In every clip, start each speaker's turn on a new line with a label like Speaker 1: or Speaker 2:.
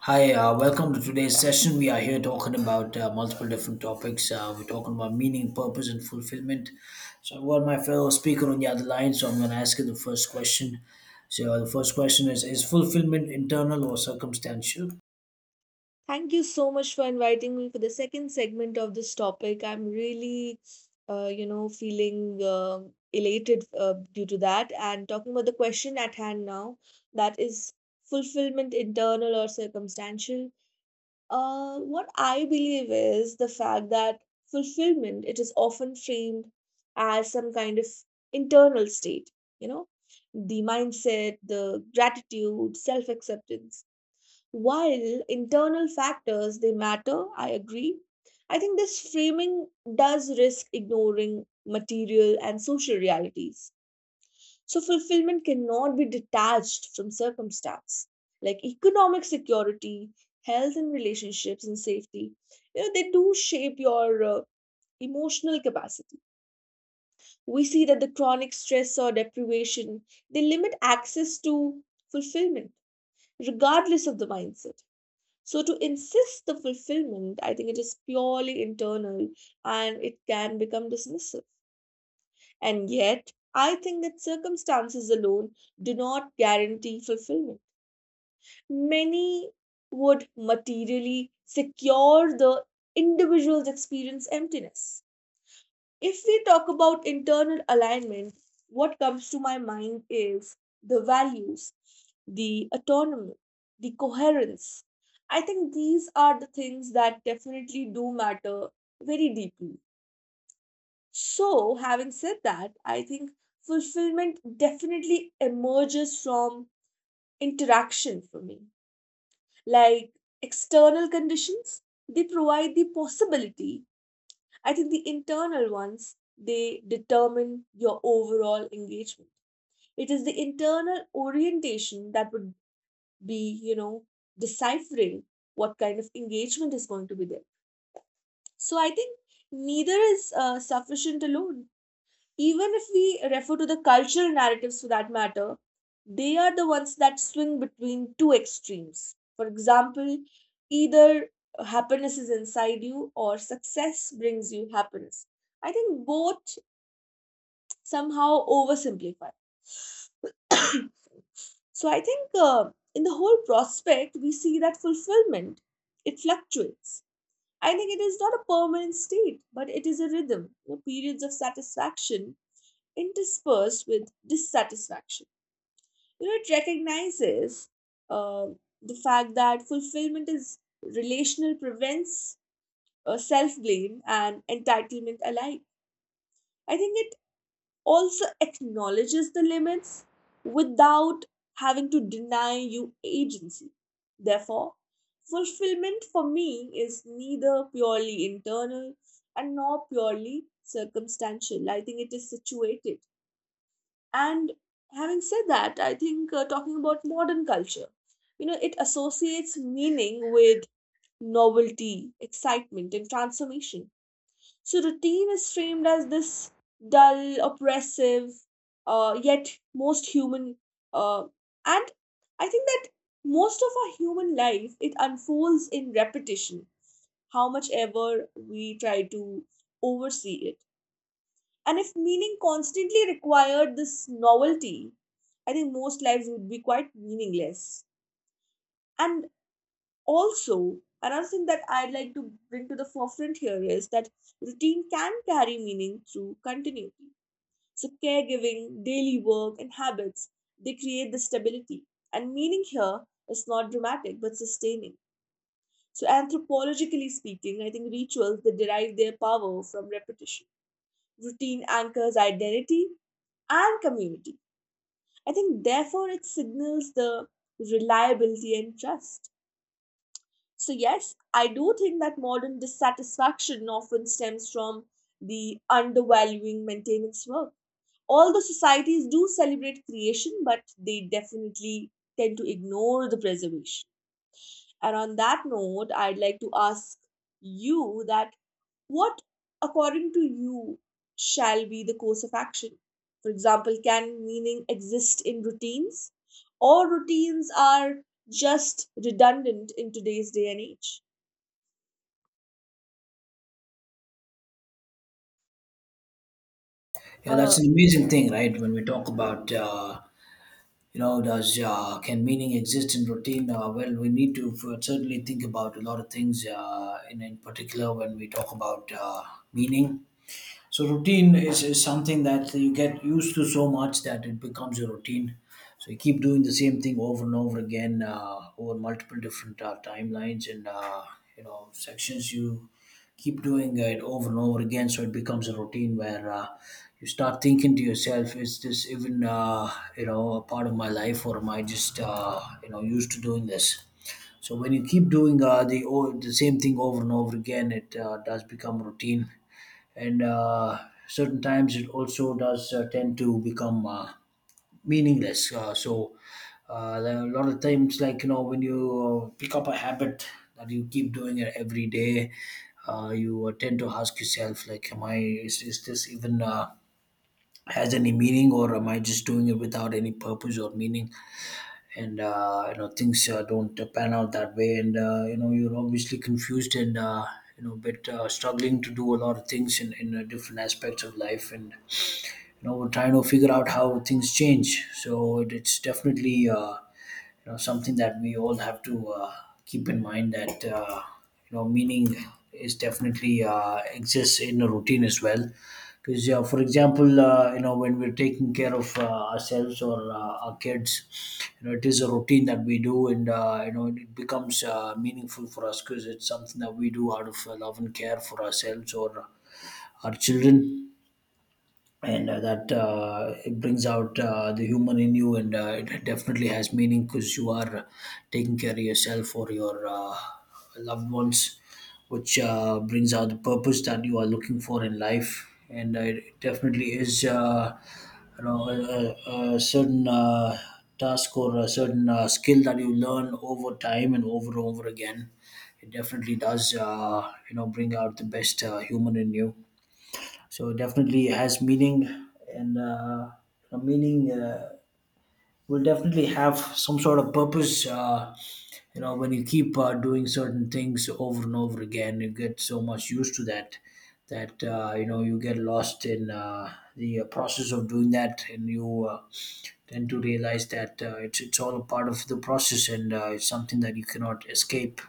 Speaker 1: Hi, welcome to today's session. We are here talking about multiple different topics. We're talking about meaning, purpose, and fulfillment. So, I've got my fellow speaker on the other line, so I'm going to ask you the first question. So, the first question is fulfillment internal or circumstantial?
Speaker 2: Thank you so much for inviting me for the second segment of this topic. I'm really, feeling elated due to that. And talking about the question at hand now, that is fulfillment, internal or circumstantial. What I believe is the fact that fulfillment it is often framed as some kind of internal state. You know, the mindset, the gratitude, self acceptance while internal factors they matter, I agree. I think this framing does risk ignoring material and social realities. So fulfillment cannot be detached from circumstance. Like economic security, health and relationships and safety, you know, they do shape your emotional capacity. We see that the chronic stress or deprivation, they limit access to fulfillment regardless of the mindset, so to insist the fulfillment, I think it is purely internal and it can become dismissive. And yet, I think that circumstances alone do not guarantee fulfillment. Many would materially secure the individual's experience emptiness. If we talk about internal alignment, what comes to my mind is the values, the autonomy, the coherence. I think these are the things that definitely do matter very deeply. So, having said that, I think fulfillment definitely emerges from interaction for me. Like external conditions, they provide the possibility. I think the internal ones, they determine your overall engagement. It is the internal orientation that would be, you know, deciphering what kind of engagement is going to be there. So I think neither is sufficient alone. Even if we refer to the cultural narratives for that matter, they are the ones that swing between two extremes. For example, either happiness is inside you or success brings you happiness. I think both somehow oversimplified. So I think in the whole prospect, we see that fulfillment it fluctuates. I think it is not a permanent state, but it is a rhythm. You know, periods of satisfaction interspersed with dissatisfaction. You know, it recognizes uh, the fact that fulfillment is relational, prevents self blame and entitlement alike. I think it also acknowledges the limits without having to deny you agency. Therefore, fulfillment for me is neither purely internal and nor purely circumstantial. I think it is situated. And having said that, I think talking about modern culture, you know, it associates meaning with novelty, excitement, and transformation, so routine is framed as this dull, oppressive, yet most human. Uh, and I think that most of our human life it unfolds in repetition. How much ever we try to oversee it, and if meaning constantly required this novelty, I think most lives would be quite meaningless. And also, another thing that I'd like to bring to the forefront here is that routine can carry meaning through continuity. So, caregiving, daily work, and habits they create the stability. And meaning here is not dramatic but sustaining. So, anthropologically speaking, I think rituals they derive their power from repetition. Routine anchors identity and community. I think, therefore, it signals the reliability and trust. So, yes, I do think that modern dissatisfaction often stems from the undervaluing maintenance work. Although societies do celebrate creation, but they definitely tend to ignore the preservation. And on that note, I'd like to ask you that what, according to you, shall be the course of action? For example, can meaning exist in routines? Or routines are just redundant in today's day and age?
Speaker 1: Yeah, that's
Speaker 2: Uh,
Speaker 1: an amazing thing, right? When we talk about, does can meaning exist in routine? Well, we need to certainly think about a lot of things, in particular when we talk about meaning. So routine is something that you get used to so much that it becomes a routine. So you keep doing the same thing over and over again over multiple different timelines and you know sections. You keep doing it over and over again, so it becomes a routine where you start thinking to yourself, "Is this even you know a part of my life, or am I just you know used to doing this?" So when you keep doing the same thing over and over again, it does become routine, and certain times it also does tend to become meaningless. There are a lot of times, like you know, when you pick up a habit that you keep doing it every day, you tend to ask yourself, like, is this even has any meaning, or am I just doing it without any purpose or meaning? And you know things don't pan out that way, and you know you're obviously confused, and you know bit struggling to do a lot of things in different aspects of life, and you know we're trying to figure out how things change. So it's definitely you know something that we all have to keep in mind that you know meaning is definitely exists in a routine as well, because for example you know when we're taking care of ourselves or our kids, you know it is a routine that we do. And you know it becomes meaningful for us, because it's something that we do out of love and care for ourselves or our children. And that it brings out the human in you, and it definitely has meaning because you are taking care of yourself or your loved ones, which brings out the purpose that you are looking for in life. And it definitely is a, a certain task or a certain skill that you learn over time and over again. It definitely does bring out the best human in you, so definitely it has meaning, and the meaning will definitely have some sort of purpose. You know, when you keep doing certain things over and over again, you get so much used to that, that you know you get lost in the process of doing that, and you tend to realize that it's all a part of the process, and it's something that you cannot escape,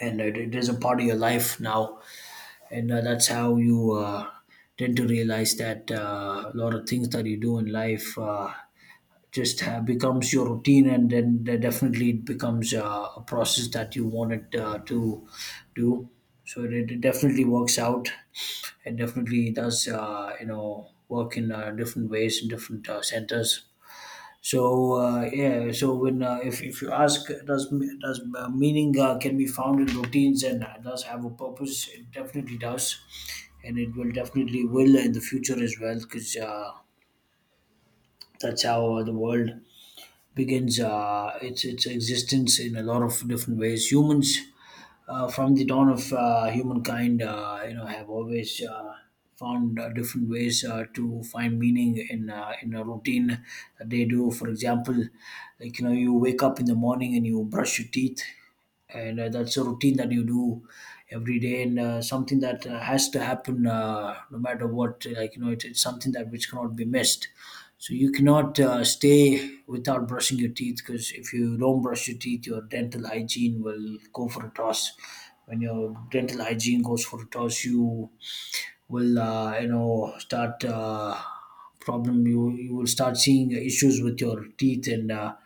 Speaker 1: and it is a part of your life now. And that's how you tend to realize that a lot of things that you do in life becomes your routine, and then definitely it becomes a process that you want it to do. So it definitely works out. It definitely does work in different ways in different centers. So yeah, so when if you ask, does me- does meaning can be found in routines and does have a purpose? It definitely does, and it will definitely will in the future as well, because that's how the world begins its existence in a lot of different ways. Humans from the dawn of humankind, you know, have always found different ways to find meaning in a routine that they do. For example, like you know, you wake up in the morning and you brush your teeth, and that's a routine that you do every day, and something that has to happen no matter what. Like you know, it's something that which cannot be missed, so you cannot stay without brushing your teeth, because if you don't brush your teeth, your dental hygiene will go for a toss. When your dental hygiene goes for a toss, you will you know start problem. You will start seeing issues with your teeth and.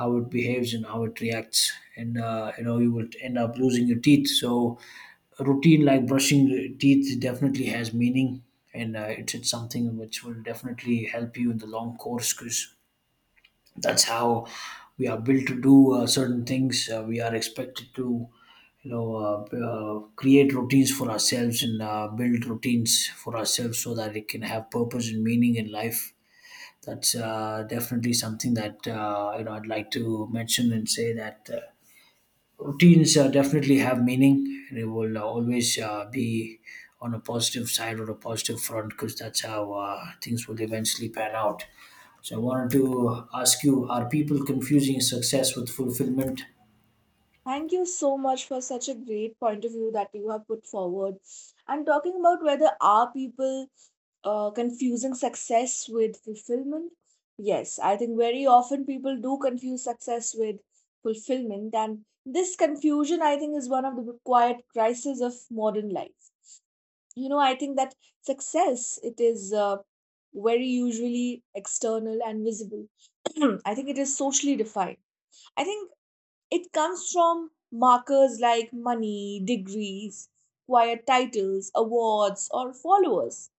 Speaker 1: How it behaves and how it reacts, and you know you will end up losing your teeth. So a routine like brushing your teeth definitely has meaning, and it's something which will definitely help you in the long course, because that's how we are built to do certain things. We are expected to you know, create routines for ourselves and build routines for ourselves so that it can have purpose and meaning in life. That's definitely something that you know I'd like to mention and say that routines definitely have meaning. They will always be on a positive side or a positive front, because that's how things will eventually pan out. So I wanted to ask you: are people confusing success with fulfillment?
Speaker 2: Thank you so much for such a great point of view that you have put forward. And talking about whether are people confusing success with fulfillment? Yes, I think very often people do confuse success with fulfillment, and this confusion, I think, is one of the quiet crises of modern life. You know, I think that success it is very usually external and visible. I think it is socially defined. I think it comes from markers like money, degrees, quiet titles, awards, or followers.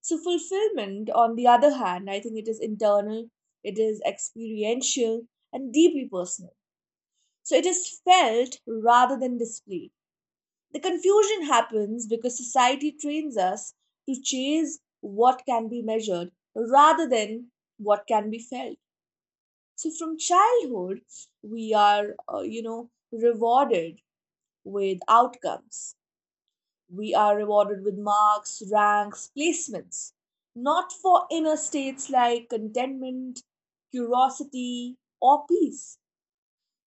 Speaker 2: So, fulfillment, on the other hand, I think it is internal, it is experiential, and deeply personal. So, it is felt rather than displayed. The confusion happens because society trains us to chase what can be measured rather than what can be felt. So, from childhood, we are, rewarded with outcomes. We are rewarded with marks, ranks, placements, not for inner states like contentment, curiosity, or peace.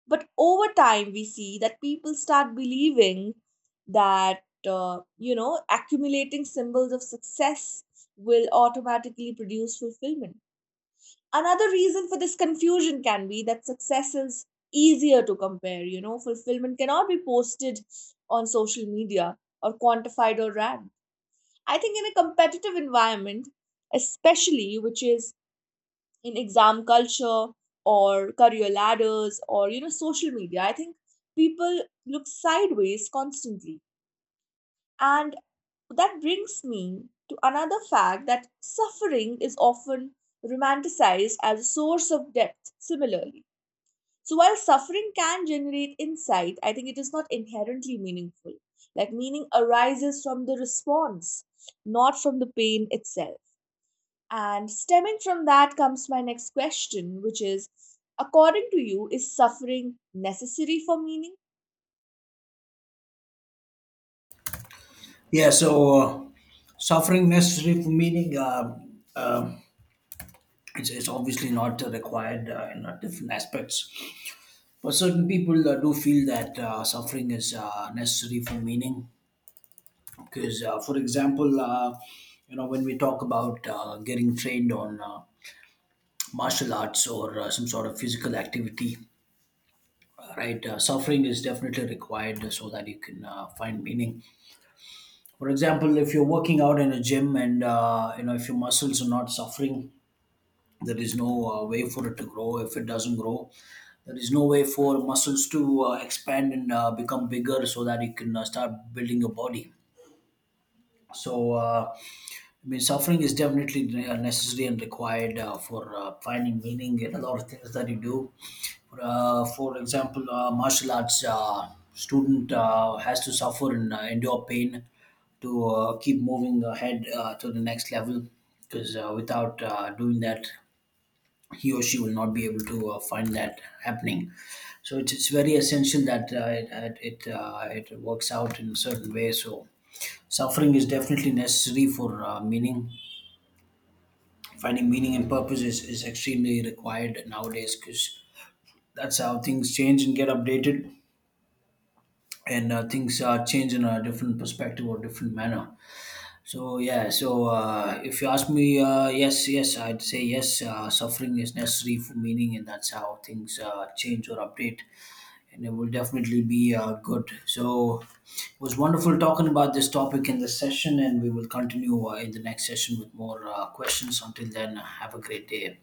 Speaker 2: But over time, we see that people start believing that, accumulating symbols of success will automatically produce fulfillment. Another reason for this confusion can be that success is easier to compare. You know, fulfillment cannot be posted on social media or quantified or ranked. I think in a competitive environment, especially which is in exam culture or career ladders or you know social media, I think people look sideways constantly. And that brings me to another fact that suffering is often romanticized as a source of depth similarly. So while suffering can generate insight, I think it is not inherently meaningful. Like meaning arises from the response, not from the pain itself. And stemming from that comes my next question, which is according to you, is suffering necessary for meaning?
Speaker 1: Yeah. So. Suffering necessary for meaning, um it's obviously not required in different aspects. For certain people, do feel that suffering is necessary for meaning. Because, for example, you know, when we talk about getting trained on martial arts or some sort of physical activity, right? Suffering is definitely required so that you can find meaning. For example, if you're working out in a gym, and you know if your muscles are not suffering, there is no way for it to grow. If it doesn't grow, there is no way for muscles to expand and become bigger so that you can start building your body. So I mean suffering is definitely necessary and required for finding meaning in a lot of things that you do. For, for example martial arts student has to suffer and endure pain to keep moving ahead to the next level, because without doing that he or she will not be able to find that happening. So it's very essential that it works out in a certain way. So suffering is definitely necessary for meaning. Finding meaning and purpose is extremely required nowadays, because that's how things change and get updated, and things change in a different perspective or different manner. So yeah, so if you ask me, yes, I'd say yes. Suffering is necessary for meaning, and that's how things change or update. And it will definitely be good. So it was wonderful talking about this topic in this session, and we will continue in the next session with more questions. Until then, have a great day.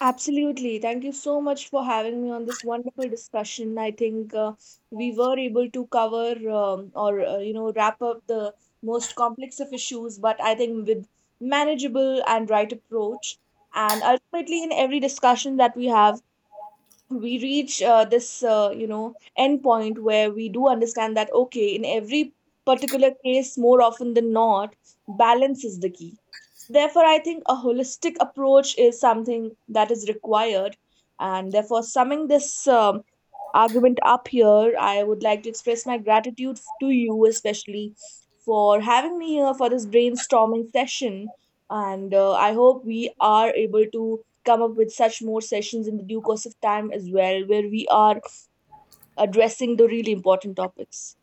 Speaker 2: Absolutely. Thank you so much for having me on this wonderful discussion. I think we were able to cover or you know wrap up the most complex of issues, but I think with manageable and right approach. And ultimately, in every discussion that we have, we reach this you know end point where we do understand that okay in every particular case more often than not balance is the key, therefore I think a holistic approach is something that is required, and therefore summing this argument up here I would like to express my gratitude to you especially for having me here for this brainstorming session, and I hope we are able to come up with such more sessions in the due course of time as well, where we are addressing the really important topics.